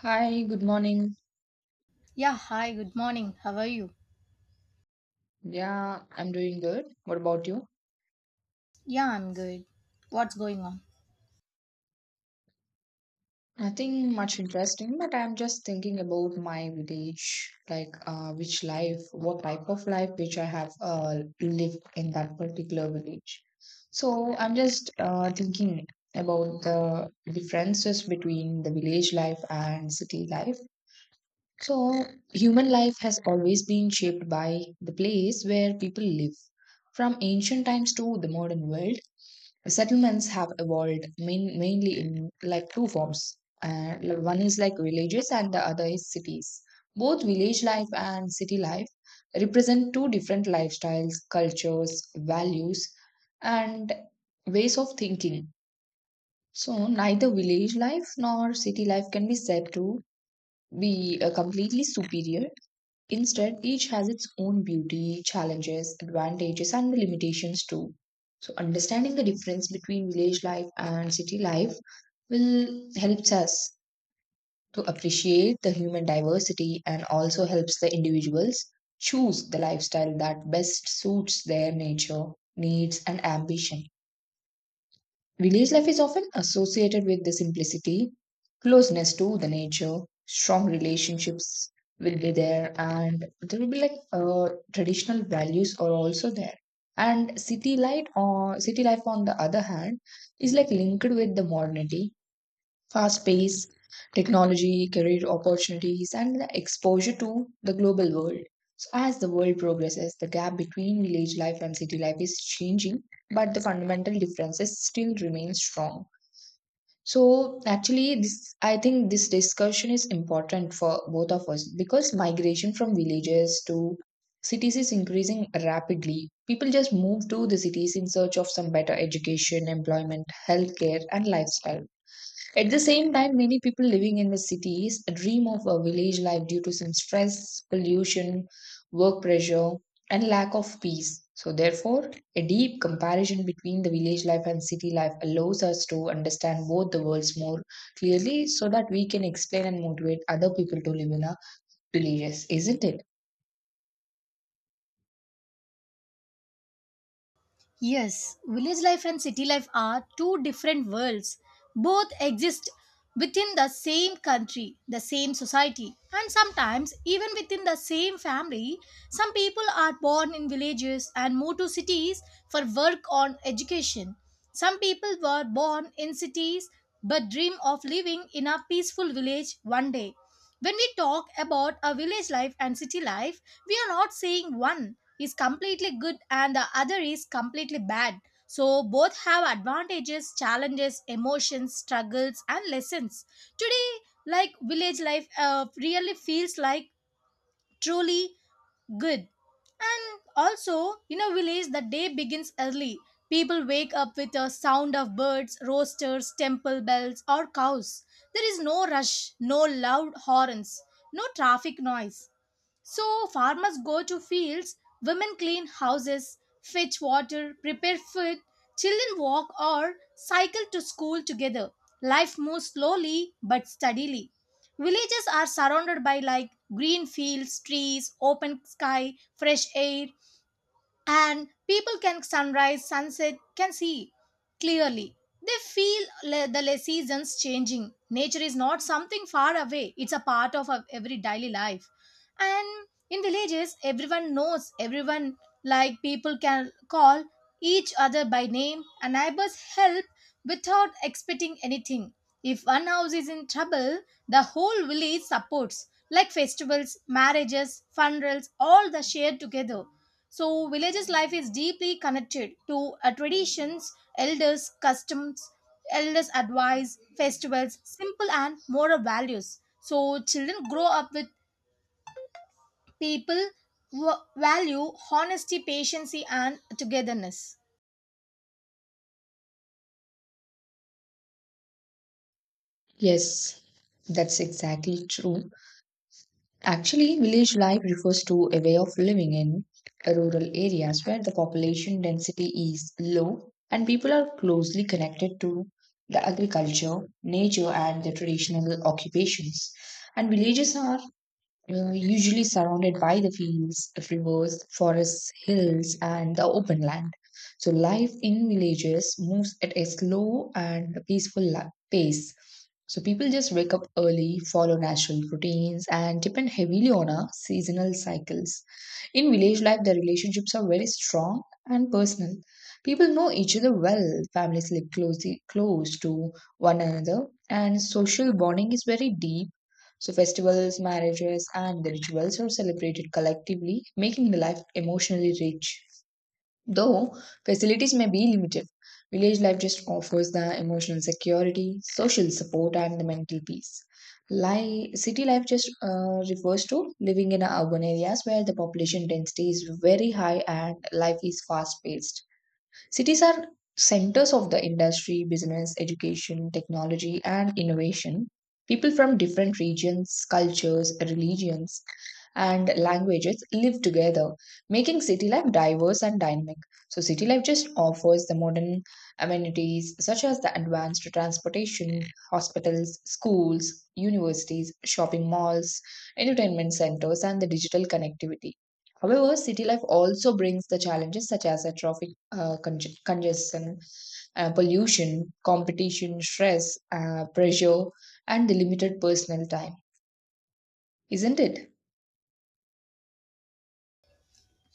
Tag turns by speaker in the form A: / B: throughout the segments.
A: Hi, good morning.
B: Yeah, hi, good morning. How are you?
A: Yeah, I'm doing good. What about you?
B: Yeah, I'm good. What's going on?
A: Nothing much interesting, but I'm just thinking about my village, like which life, what type of life which I have lived in that particular village. So I'm just thinking about the differences between the village life and city life. So human life has always been shaped by the place where people live. From ancient times to the modern world, settlements have evolved mainly in like two forms like, one is like villages and the other is cities. Both village life and city life represent two different lifestyles, cultures, values, and ways of thinking. So neither village life nor city life can be said to be completely superior. Instead, each has its own beauty, challenges, advantages, and the limitations too. So, understanding the difference between village life and city life will helps us to appreciate the human diversity and also helps the individuals choose the lifestyle that best suits their nature, needs, and ambition. Village life is often associated with the simplicity, closeness to the nature, strong relationships will be there, and there will be like traditional values are also there. And city light or city life on the other hand is like linked with the modernity, fast pace, technology, career opportunities, and the exposure to the global world. So, as the world progresses, the gap between village life and city life is changing, but the fundamental differences still remain strong. So, actually, this I think this discussion is important for both of us because migration from villages to cities is increasing rapidly. People just move to the cities in search of some better education, employment, healthcare, and lifestyle. At the same time, many people living in the cities dream of a village life due to some stress, pollution, work pressure, and lack of peace. So, therefore, a deep comparison between the village life and city life allows us to understand both the worlds more clearly so that we can explain and motivate other people to live in our villages, isn't it?
B: Yes, village life and city life are two different worlds. Both exist within the same country, the same society, and sometimes even within the same family. Some people are born in villages and move to cities for work or education. Some people were born in cities but dream of living in a peaceful village one day. When we talk about a village life and city life, we are not saying one is completely good and the other is completely bad. So both have advantages, challenges, emotions, struggles and lessons. Today, like village life really feels like truly good. And also, in a village, the day begins early. People wake up with the sound of birds, roosters, temple bells, or cows. There is no rush, no loud horns, no traffic noise. So farmers go to fields, women clean houses, fetch water, prepare food, children walk or cycle to school together. Life moves slowly but steadily. Villages are surrounded by like green fields, trees, open sky, fresh air, and people can sunrise sunset can see clearly. They feel seasons changing. Nature is not something far away, it's a part of our every daily life. And in villages everyone knows everyone, like people can call each other by name and neighbors help without expecting anything. If one house is in trouble, the whole village supports, like festivals, marriages, funerals, all the share together. So villages' life is deeply connected to traditions, elders' customs, elders' advice, festivals, simple and moral values. So children grow up with people who value honesty, patience, and togetherness.
A: Yes, that's exactly true. Actually, village life refers to a way of living in rural areas where the population density is low and people are closely connected to the agriculture, nature, and the traditional occupations. And villages are usually surrounded by the fields, rivers, forests, hills, and the open land. So, life in villages moves at a slow and peaceful pace. So, people just wake up early, follow natural routines, and depend heavily on our seasonal cycles. In village life, the relationships are very strong and personal. People know each other well, families live closely, close to one another, and social bonding is very deep. So, festivals, marriages, and the rituals are celebrated collectively, making the life emotionally rich. Though facilities may be limited, village life just offers the emotional security, social support, and the mental peace. City life just refers to living in urban areas where the population density is very high and life is fast paced. Cities are centers of the industry, business, education, technology, and innovation. People from different regions, cultures, religions, and languages live together, making city life diverse and dynamic. So, city life just offers the modern amenities such as the advanced transportation, hospitals, schools, universities, shopping malls, entertainment centers, and the digital connectivity. However, city life also brings the challenges such as traffic congestion, pollution, competition, stress, pressure, and the limited personal time. Isn't it?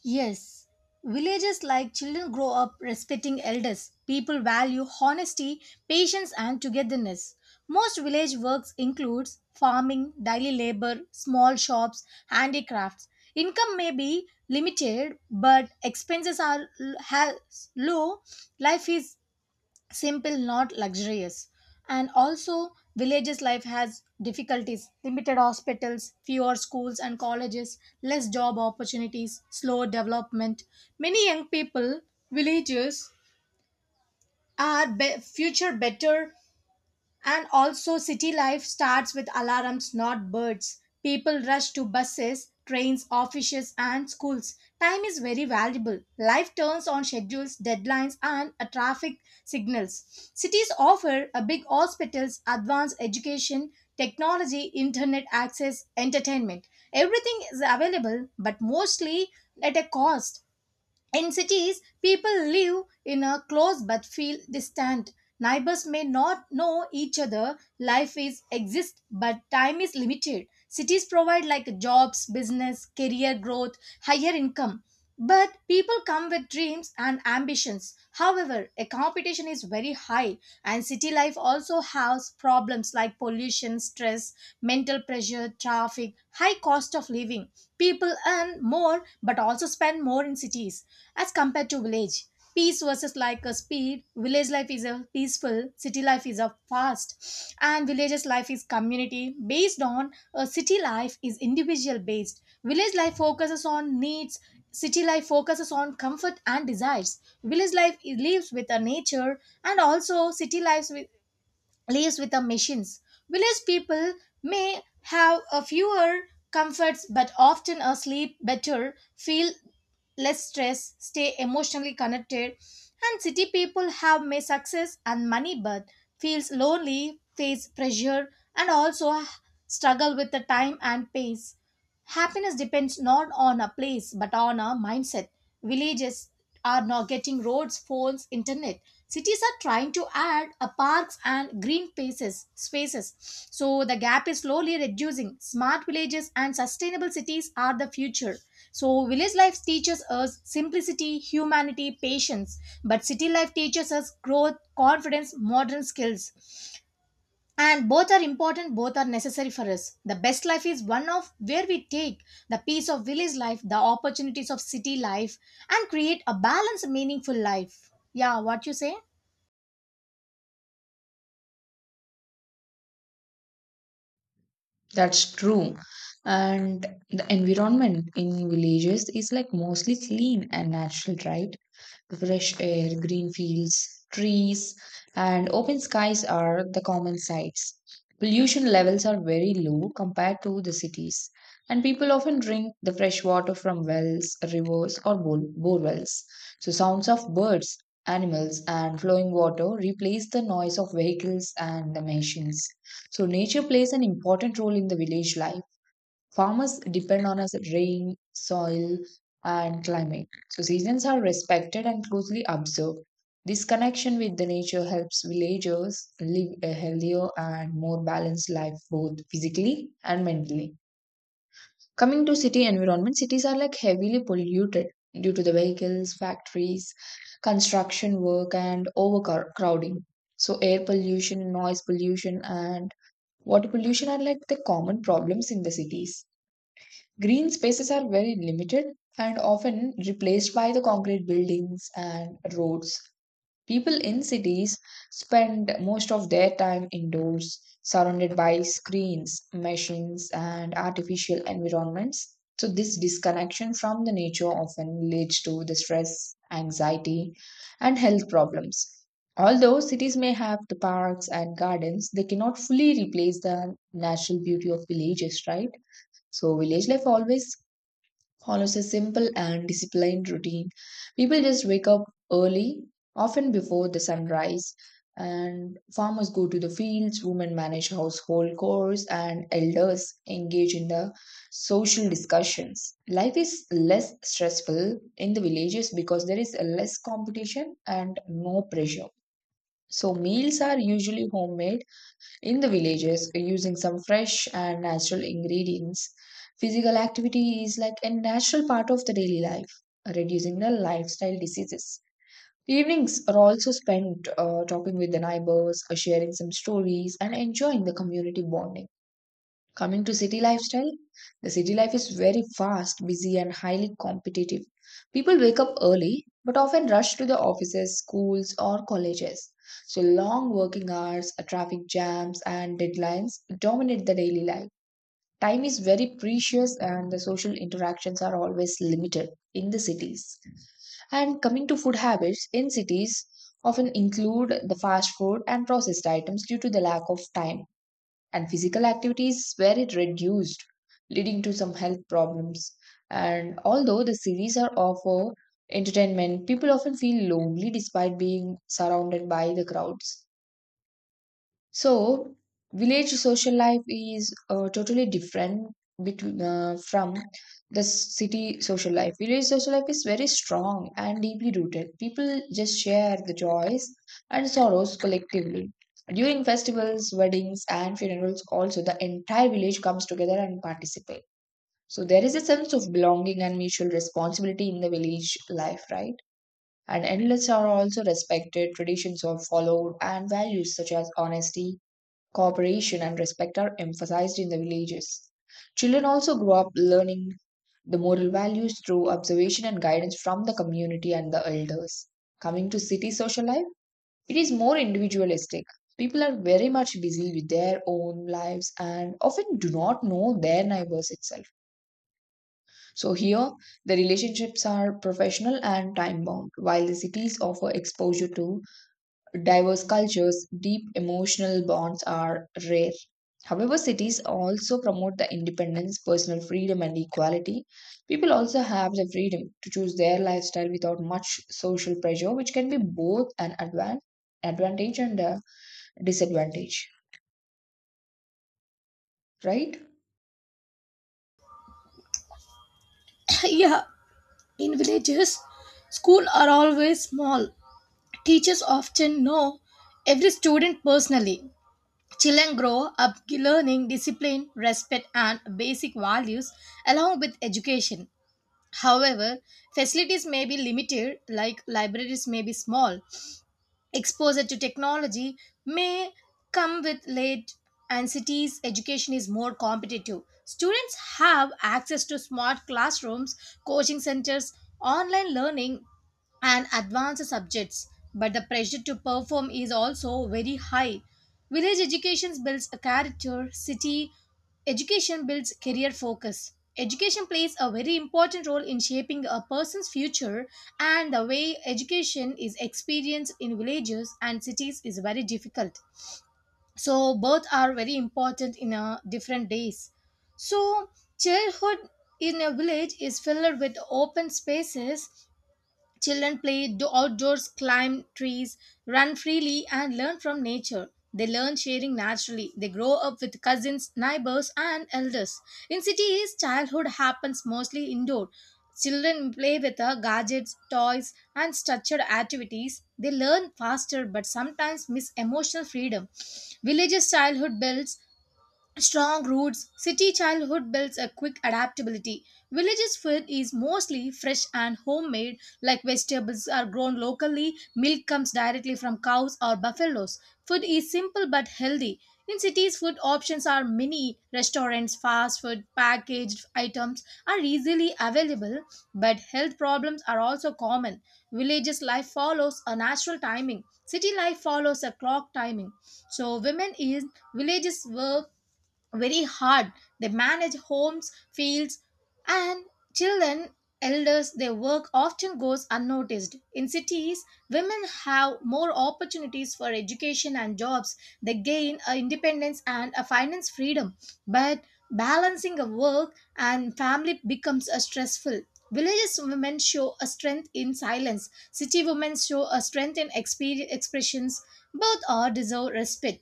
B: Yes, villages like children grow up respecting elders. People value honesty, patience, and togetherness. Most village works includes farming, daily labor, small shops, handicrafts. Income may be limited, but expenses are has low. Life is simple not luxurious. And also villages life has difficulties, limited hospitals, fewer schools and colleges, less job opportunities, slow development. Many young people villages are future better. And also, city life starts with alarms, not birds. People rush to buses, trains, offices, and schools. Time is very valuable. Life turns on schedules, deadlines, and traffic signals. Cities offer a big hospitals, advanced education, technology, internet access, entertainment. Everything is available, but mostly at a cost. In cities, people live in a close but feel distant. Neighbors may not know each other. Life is exist, but time is limited. Cities provide like jobs, business, career growth, higher income. But people come with dreams and ambitions. However, a competition is very high, and city life also has problems like pollution, stress, mental pressure, traffic, high cost of living. People earn more but also spend more in cities as compared to village. Peace versus like a speed, village life is a peaceful, city life is a fast, and villages life is community based on, a city life is individual based. Village life focuses on needs, city life focuses on comfort and desires. Village life lives with a nature, and also city lives with the machines. Village people may have a fewer comforts but often a sleep better, feel less stress, stay emotionally connected, and city people have may success and money but feels lonely, face pressure, and also struggle with the time and pace. Happiness depends not on a place but on a mindset. Villages are now getting roads, phones, internet. Cities are trying to add a parks and green spaces. So the gap is slowly reducing. Smart villages and sustainable cities are the future. So village life teaches us simplicity, humanity, patience, but city life teaches us growth, confidence, modern skills. And both are important, both are necessary for us. The best life is one of where we take the peace of village life, the opportunities of city life, and create a balanced meaningful life. Yeah, what you say?
A: That's true. And the environment in villages is like mostly clean and natural, right? Fresh air, green fields, trees, and open skies are the common sights. Pollution levels are very low compared to the cities, and people often drink the fresh water from wells, rivers, or borewells. So, sounds of birds, animals, and flowing water replace the noise of vehicles and the machines. So, nature plays an important role in the village life. Farmers depend on us rain, soil, and climate. So seasons are respected and closely observed. This connection with the nature helps villagers live a healthier and more balanced life both physically and mentally. Coming to city environment, cities are like heavily polluted due to the vehicles, factories, construction work, and overcrowding. So air pollution, noise pollution, and water pollution are like the common problems in the cities. Green spaces are very limited and often replaced by the concrete buildings and roads. People in cities spend most of their time indoors, surrounded by screens, machines, and artificial environments. So, this disconnection from the nature often leads to the stress, anxiety, and health problems. Although cities may have the parks and gardens, they cannot fully replace the natural beauty of villages, right? So, village life always follows a simple and disciplined routine. People just wake up early, often before the sunrise, and farmers go to the fields, women manage household chores, and elders engage in the social discussions. Life is less stressful in the villages because there is less competition and no pressure. So, meals are usually homemade in the villages, using some fresh and natural ingredients, physical activity is like a natural part of the daily life, reducing the lifestyle diseases. Evenings are also spent talking with the neighbors, sharing some stories, and enjoying the community bonding. Coming to city lifestyle, the city life is very fast, busy, and highly competitive. People wake up early but often rush to the offices, schools, or colleges. So, long working hours, traffic jams, and deadlines dominate the daily life. Time is very precious, and the social interactions are always limited in the cities. And coming to food habits, in cities often include the fast food and processed items due to the lack of time and physical activities where it reduced, leading to some health problems. And although the series are offer entertainment, people often feel lonely despite being surrounded by the crowds. So, village social life is totally different between from the city social life. Village social life is very strong and deeply rooted. People just share the joys and sorrows collectively. During festivals, weddings, and funerals, also the entire village comes together and participate. So there is a sense of belonging and mutual responsibility in the village life, right? And elders are also respected. Traditions are followed, and values such as honesty, cooperation, and respect are emphasized in the villages. Children also grow up learning the moral values through observation and guidance from the community and the elders. Coming to city social life, it is more individualistic. People are very much busy with their own lives and often do not know their neighbors itself. So, here the relationships are professional and time bound, while the cities offer exposure to diverse cultures, deep emotional bonds are rare. However, cities also promote the independence, personal freedom, and equality. People also have the freedom to choose their lifestyle without much social pressure, which can be both an advantage and a disadvantage, right?
B: Yeah, in villages, schools are always small. Teachers often know every student personally. Children grow up learning discipline, respect, and basic values along with education. However, facilities may be limited, like libraries may be small, exposure to technology may come with late. And cities education is more competitive, students have access to smart classrooms, coaching centers, online learning, and advanced subjects, but the pressure to perform is also very high. Village education builds a character, city education builds career focus. Education plays a very important role in shaping a person's future, and the way education is experienced in villages and cities is very difficult. So both are very important in different days. So childhood in a village is filled with open spaces. Children play outdoors, climb trees, run freely, and learn from nature. They learn sharing naturally. They grow up with cousins, neighbors, and elders. In cities, childhood happens mostly indoor. Children play with gadgets, toys, and structured activities. They learn faster but sometimes miss emotional freedom. Villages' childhood builds strong roots, city childhood builds a quick adaptability. Villages' food is mostly fresh and homemade, like vegetables are grown locally, milk comes directly from cows or buffaloes. Food is simple but healthy. In cities, food options are many. Restaurants, fast food, packaged items are easily available, but health problems are also common. Villages' life follows a natural timing. City life follows a clock timing. So women in villages work very hard. They manage homes, fields, and children, elders, their work often goes unnoticed. In cities, women have more opportunities for education and jobs. They gain a independence and a finance freedom. But balancing a work and family becomes a stressful. Villages women show a strength in silence. City women show a strength in expressions. Both are deserve respect.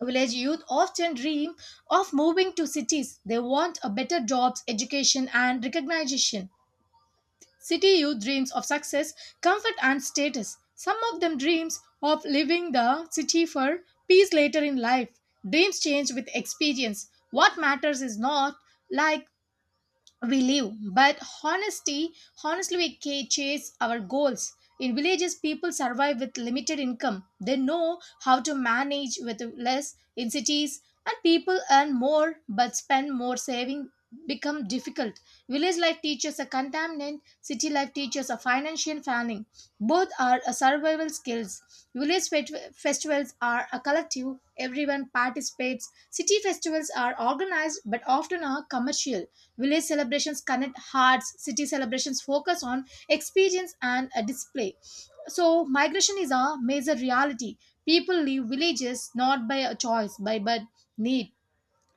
B: Village youth often dream of moving to cities. They want a better jobs, education, and recognition. City youth dreams of success, comfort, and status. Some of them dreams of leaving the city for peace later in life. Dreams change with experience. What matters is not like we live but honesty, honestly we chase our goals. In villages people survive with limited income, they know how to manage with less. In cities and people earn more but spend more, saving become difficult. Village life teaches a contaminant, city life teaches a financial planning. Both are a survival skills. Village festivals are a collective, everyone participates. City festivals are organized but often are commercial. Village celebrations connect hearts, city celebrations focus on experience and a display. So migration is a major reality. People leave villages not by a choice, by but need.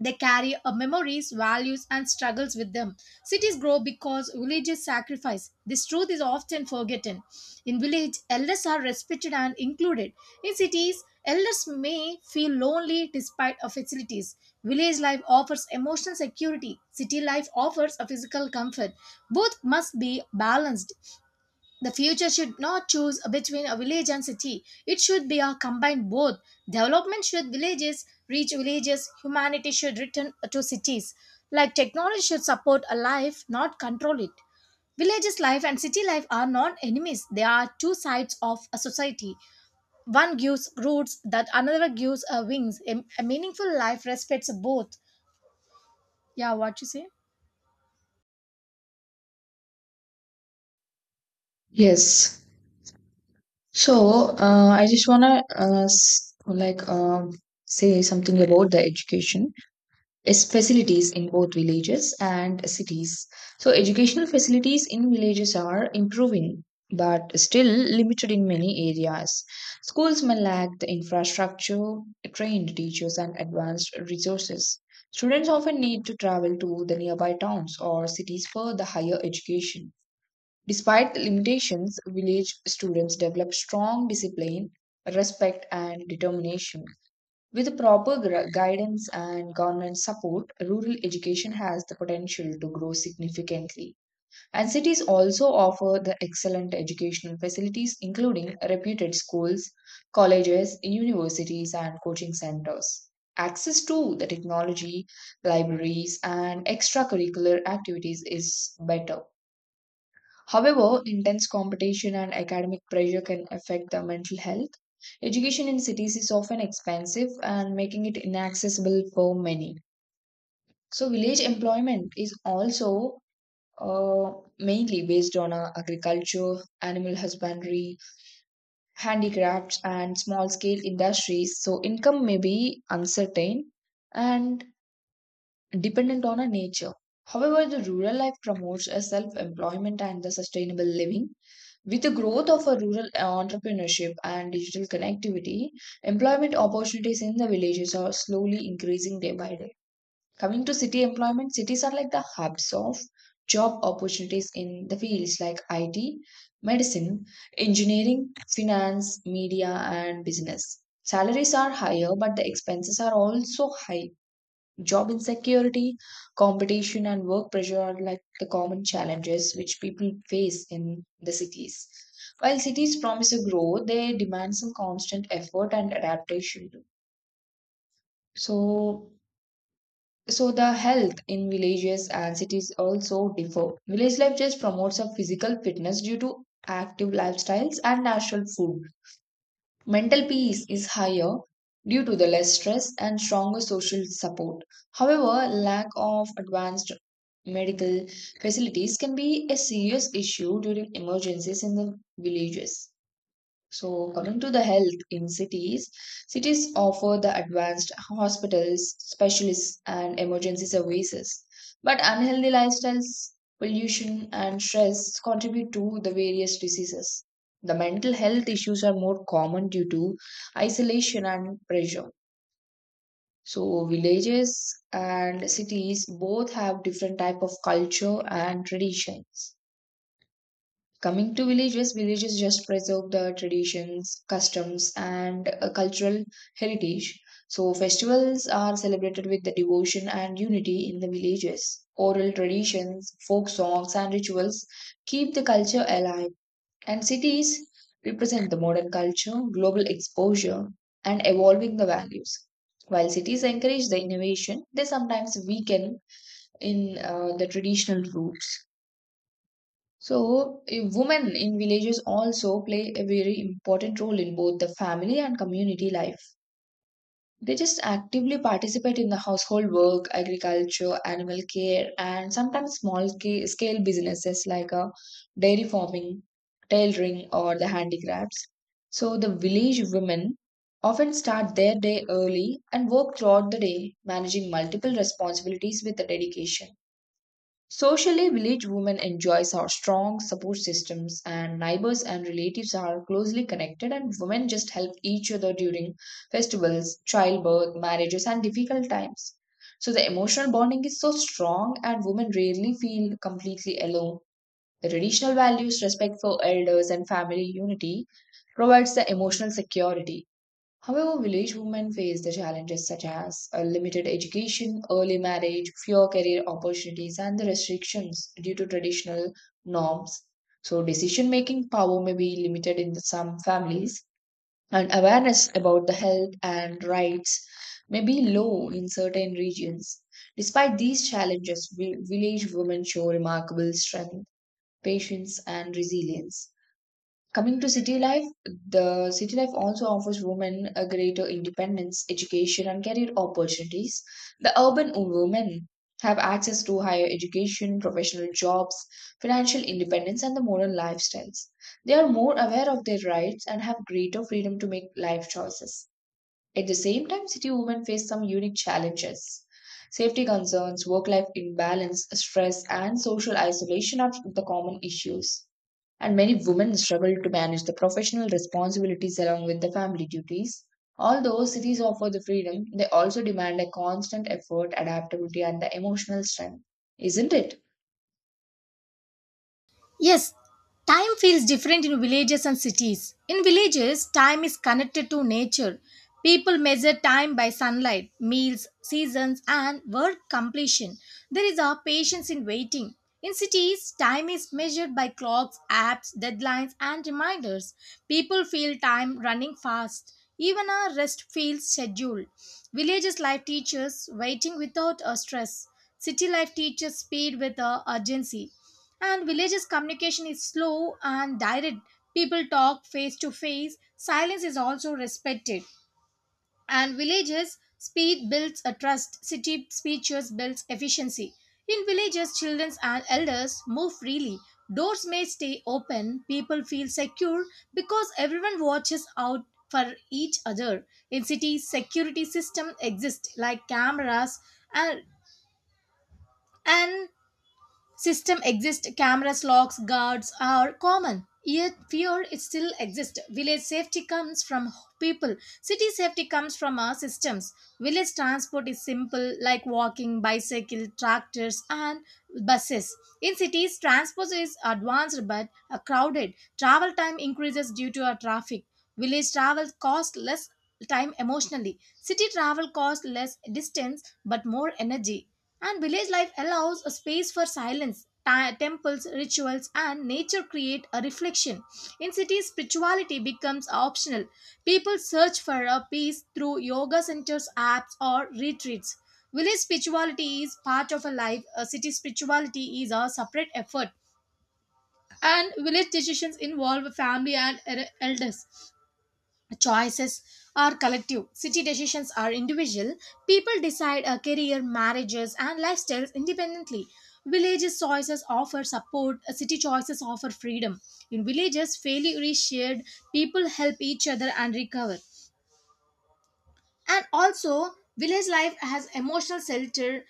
B: They carry memories, values, and struggles with them. Cities grow because villages sacrifice. This truth is often forgotten. In village, elders are respected and included. In cities, elders may feel lonely despite of facilities. Village life offers emotional security. City life offers a physical comfort. Both must be balanced. The future should not choose between a village and city. It should be a combined both. Development should villages reach villages. Humanity should return to cities. Like technology should support a life, not control it. Villages life and city life are not enemies. They are two sides of a society. One gives roots, that another gives wings. A meaningful life respects both. Yeah, what you say?
A: Yes. So, I just want to uh, s- like um say something about the education is facilities in both villages and cities. So, educational facilities in villages are improving but still limited in many areas. Schools may lack the infrastructure, trained teachers, and advanced resources. Students often need to travel to the nearby towns or cities for the higher education. Despite the limitations, village students develop strong discipline, respect, and determination. With proper guidance and government support, rural education has the potential to grow significantly. And cities also offer the excellent educational facilities, including reputed schools, colleges, universities, and coaching centers. Access to the technology, libraries, and extracurricular activities is better. However, intense competition and academic pressure can affect the mental health. Education in cities is often expensive and making it inaccessible for many. So, village employment is also uh, mainly based on agriculture, animal husbandry, handicrafts, and small scale industries. So, income may be uncertain and dependent on a nature. However, the rural life promotes a self-employment and the sustainable living. With the growth of a rural entrepreneurship and digital connectivity, employment opportunities in the villages are slowly increasing day by day. Coming to city employment, cities are like the hubs of job opportunities in the fields like IT, medicine, engineering, finance, media, and business. Salaries are higher, but the expenses are also high. Job insecurity, competition, and work pressure are like the common challenges which people face in the cities. While cities promise a growth, they demand some constant effort and adaptation too. So, the health in villages and cities also differ. Village life just promotes a physical fitness due to active lifestyles and natural food. Mental peace is higher due to the less stress and stronger social support. However, lack of advanced medical facilities can be a serious issue during emergencies in the villages. So, coming to the health in cities, cities offer the advanced hospitals, specialists, and emergency services. But unhealthy lifestyles, pollution, and stress contribute to the various diseases. The mental health issues are more common due to isolation and pressure. So, villages and cities both have different type of culture and traditions. Coming to villages, villages just preserve the traditions, customs, and cultural heritage. So, festivals are celebrated with the devotion and unity in the villages. Oral traditions, folk songs, and rituals keep the culture alive. And cities represent the modern culture, global exposure, and evolving the values. While cities encourage the innovation, they sometimes weaken in the traditional roots. So, women in villages also play a very important role in both the family and community life. They just actively participate in the household work, agriculture, animal care, and sometimes small scale businesses like dairy farming, tailoring, or the handicrafts. So, the village women often start their day early and work throughout the day, managing multiple responsibilities with the dedication. Socially, village women enjoys our strong support systems and neighbors and relatives are closely connected and women just help each other during festivals, childbirth, marriages and difficult times. So the emotional bonding is so strong and women rarely feel completely alone. The traditional values, respect for elders and family unity provides the emotional security. However, village women face the challenges such as limited education, early marriage, fewer career opportunities, and the restrictions due to traditional norms. So, decision making power may be limited in some families, and awareness about the health and rights may be low in certain regions. Despite these challenges, village women show remarkable strength, patience, and resilience. Coming to city life, the city life also offers women a greater independence, education, and career opportunities. The urban women have access to higher education, professional jobs, financial independence, and the modern lifestyles. They are more aware of their rights and have greater freedom to make life choices. At the same time, city women face some unique challenges. Safety concerns, work life imbalance, stress, and social isolation are the common issues and many women struggle to manage the professional responsibilities along with the family duties. Although cities offer the freedom, they also demand a constant effort, adaptability, and the emotional strength, isn't it?
B: Yes, time feels different in villages and cities. In villages, time is connected to nature. People measure time by sunlight, meals, seasons, and work completion. There is a patience in waiting. In cities, time is measured by clocks, apps, deadlines, and reminders. People feel time running fast. Even our rest feels scheduled. Villages life teaches waiting without a stress. City life teaches speed with a urgency. And villages communication is slow and direct. People talk face to face. Silence is also respected. And villages speed builds a trust. City speeches builds efficiency. In villages, children and elders move freely. Doors may stay open. People feel secure because everyone watches out for each other. In cities, security system exist like cameras, and and system exist cameras, locks, guards are common, yet fear it still exists. Village safety comes from people, city safety comes from our systems. Village transport is simple like walking, bicycle, tractors and buses. In cities transport is advanced but crowded, travel time increases due to our traffic. Village travel costs less time emotionally. City travel costs less distance but more energy. And village life allows a space for silence. Temples, rituals, and nature create a reflection. In cities, spirituality becomes optional. People search for a peace through yoga centers, apps, or retreats. Village spirituality is part of a life, a city spirituality is a separate effort. And village decisions involve family and elders, choices are collective. City decisions are individual, people decide a career, marriages and lifestyles independently. Villages choices offer support, city choices offer freedom. In villages failure is shared, people help each other and recover. And also, village life has emotional shelter.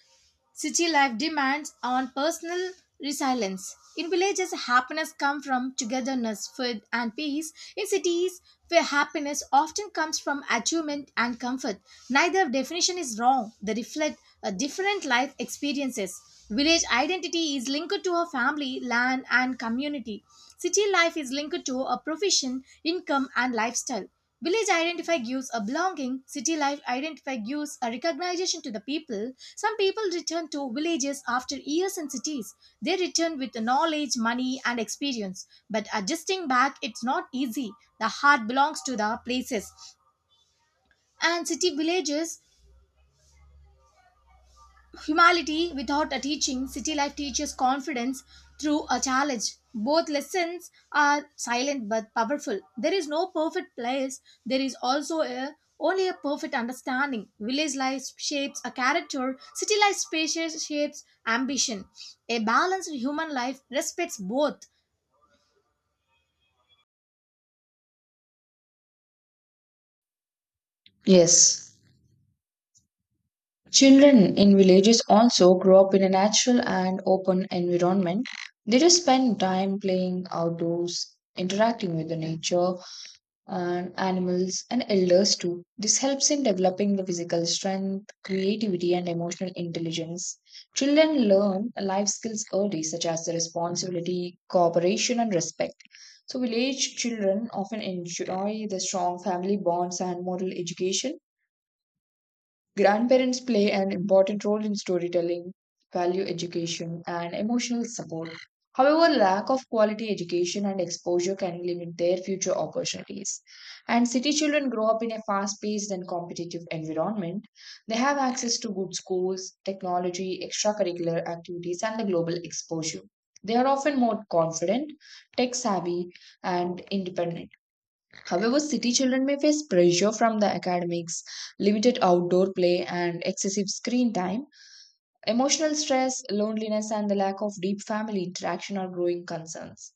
B: City life demands on personal resilience. In villages, happiness comes from togetherness, food, and peace. In cities, where happiness often comes from achievement and comfort. Neither definition is wrong, they reflect a different life experiences. Village identity is linked to a family, land, and community. City life is linked to a profession, income, and lifestyle. Village identify gives a belonging, city life identify gives a recognition to the people. Some people return to villages after years in cities. They return with knowledge, money, and experience. But adjusting back, it's not easy. The heart belongs to the places. And city villages humility, without a teaching, city life teaches confidence through a challenge. Both lessons are silent but powerful. There is no perfect place, there is also a only a perfect understanding. Village life shapes a character, city life spacious shapes ambition. A balanced human life respects both.
A: Yes. Children in villages also grow up in a natural and open environment. They just spend time playing outdoors, interacting with the nature, and animals and elders too. This helps in developing the physical strength, creativity, and emotional intelligence. Children learn life skills early, such as the responsibility, cooperation, and respect. So, village children often enjoy the strong family bonds and moral education. Grandparents play an important role in storytelling, value education, and emotional support. However, lack of quality education and exposure can limit their future opportunities. And city children grow up in a fast paced and competitive environment. They have access to good schools, technology, extracurricular activities, and the global exposure. They are often more confident, tech savvy, and independent. However, city children may face pressure from the academics, limited outdoor play, and excessive screen time. Emotional stress, loneliness, and the lack of deep family interaction are growing concerns.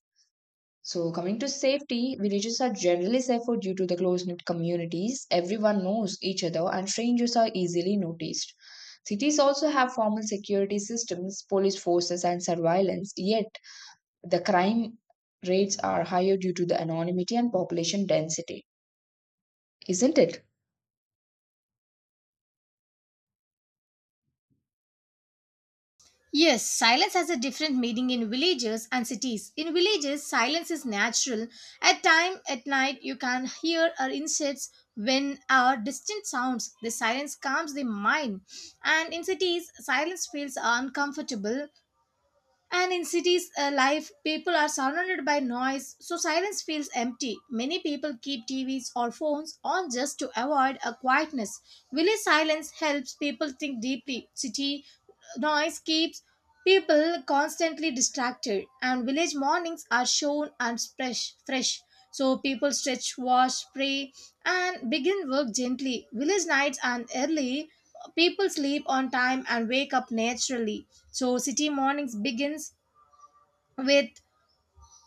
A: So, coming to safety, villages are generally safer due to the close knit communities. Everyone knows each other, and strangers are easily noticed. Cities also have formal security systems, police forces, and surveillance, yet, the crime rates are higher due to the anonymity and population density, isn't it?
B: Yes, silence has a different meaning in villages and cities. In villages, silence is natural. At time at night, you can hear our insects, wind, or distant sounds. The silence calms the mind. And in cities, silence feels uncomfortable. And in cities, life people are surrounded by noise, so silence feels empty. Many people keep TVs or phones on just to avoid a quietness. Village silence helps people think deeply. City noise keeps people constantly distracted, and village mornings are shown and fresh. So people stretch, wash, pray, and begin work gently. Village nights and early, people sleep on time and wake up naturally. So city mornings begins with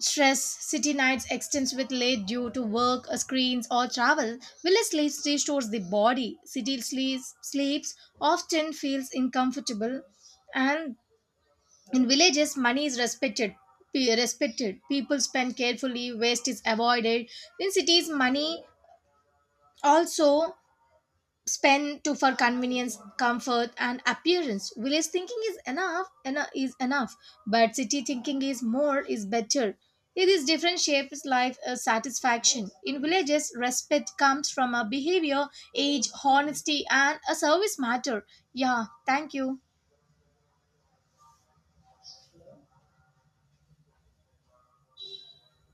B: stress. City nights extends with late due to work, screens, or travel. Village sleeps restores the body. City sleeps often feels uncomfortable. And in villages, money is respected. Respected people spend carefully. Waste is avoided. In cities, money also spend to for convenience, comfort, and appearance. Village thinking is enough, enough is enough, but city thinking is more is better. It is different shapes life satisfaction. In villages, respect comes from a behavior, age, honesty, and a service matter. Yeah, thank you.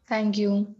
A: Thank you.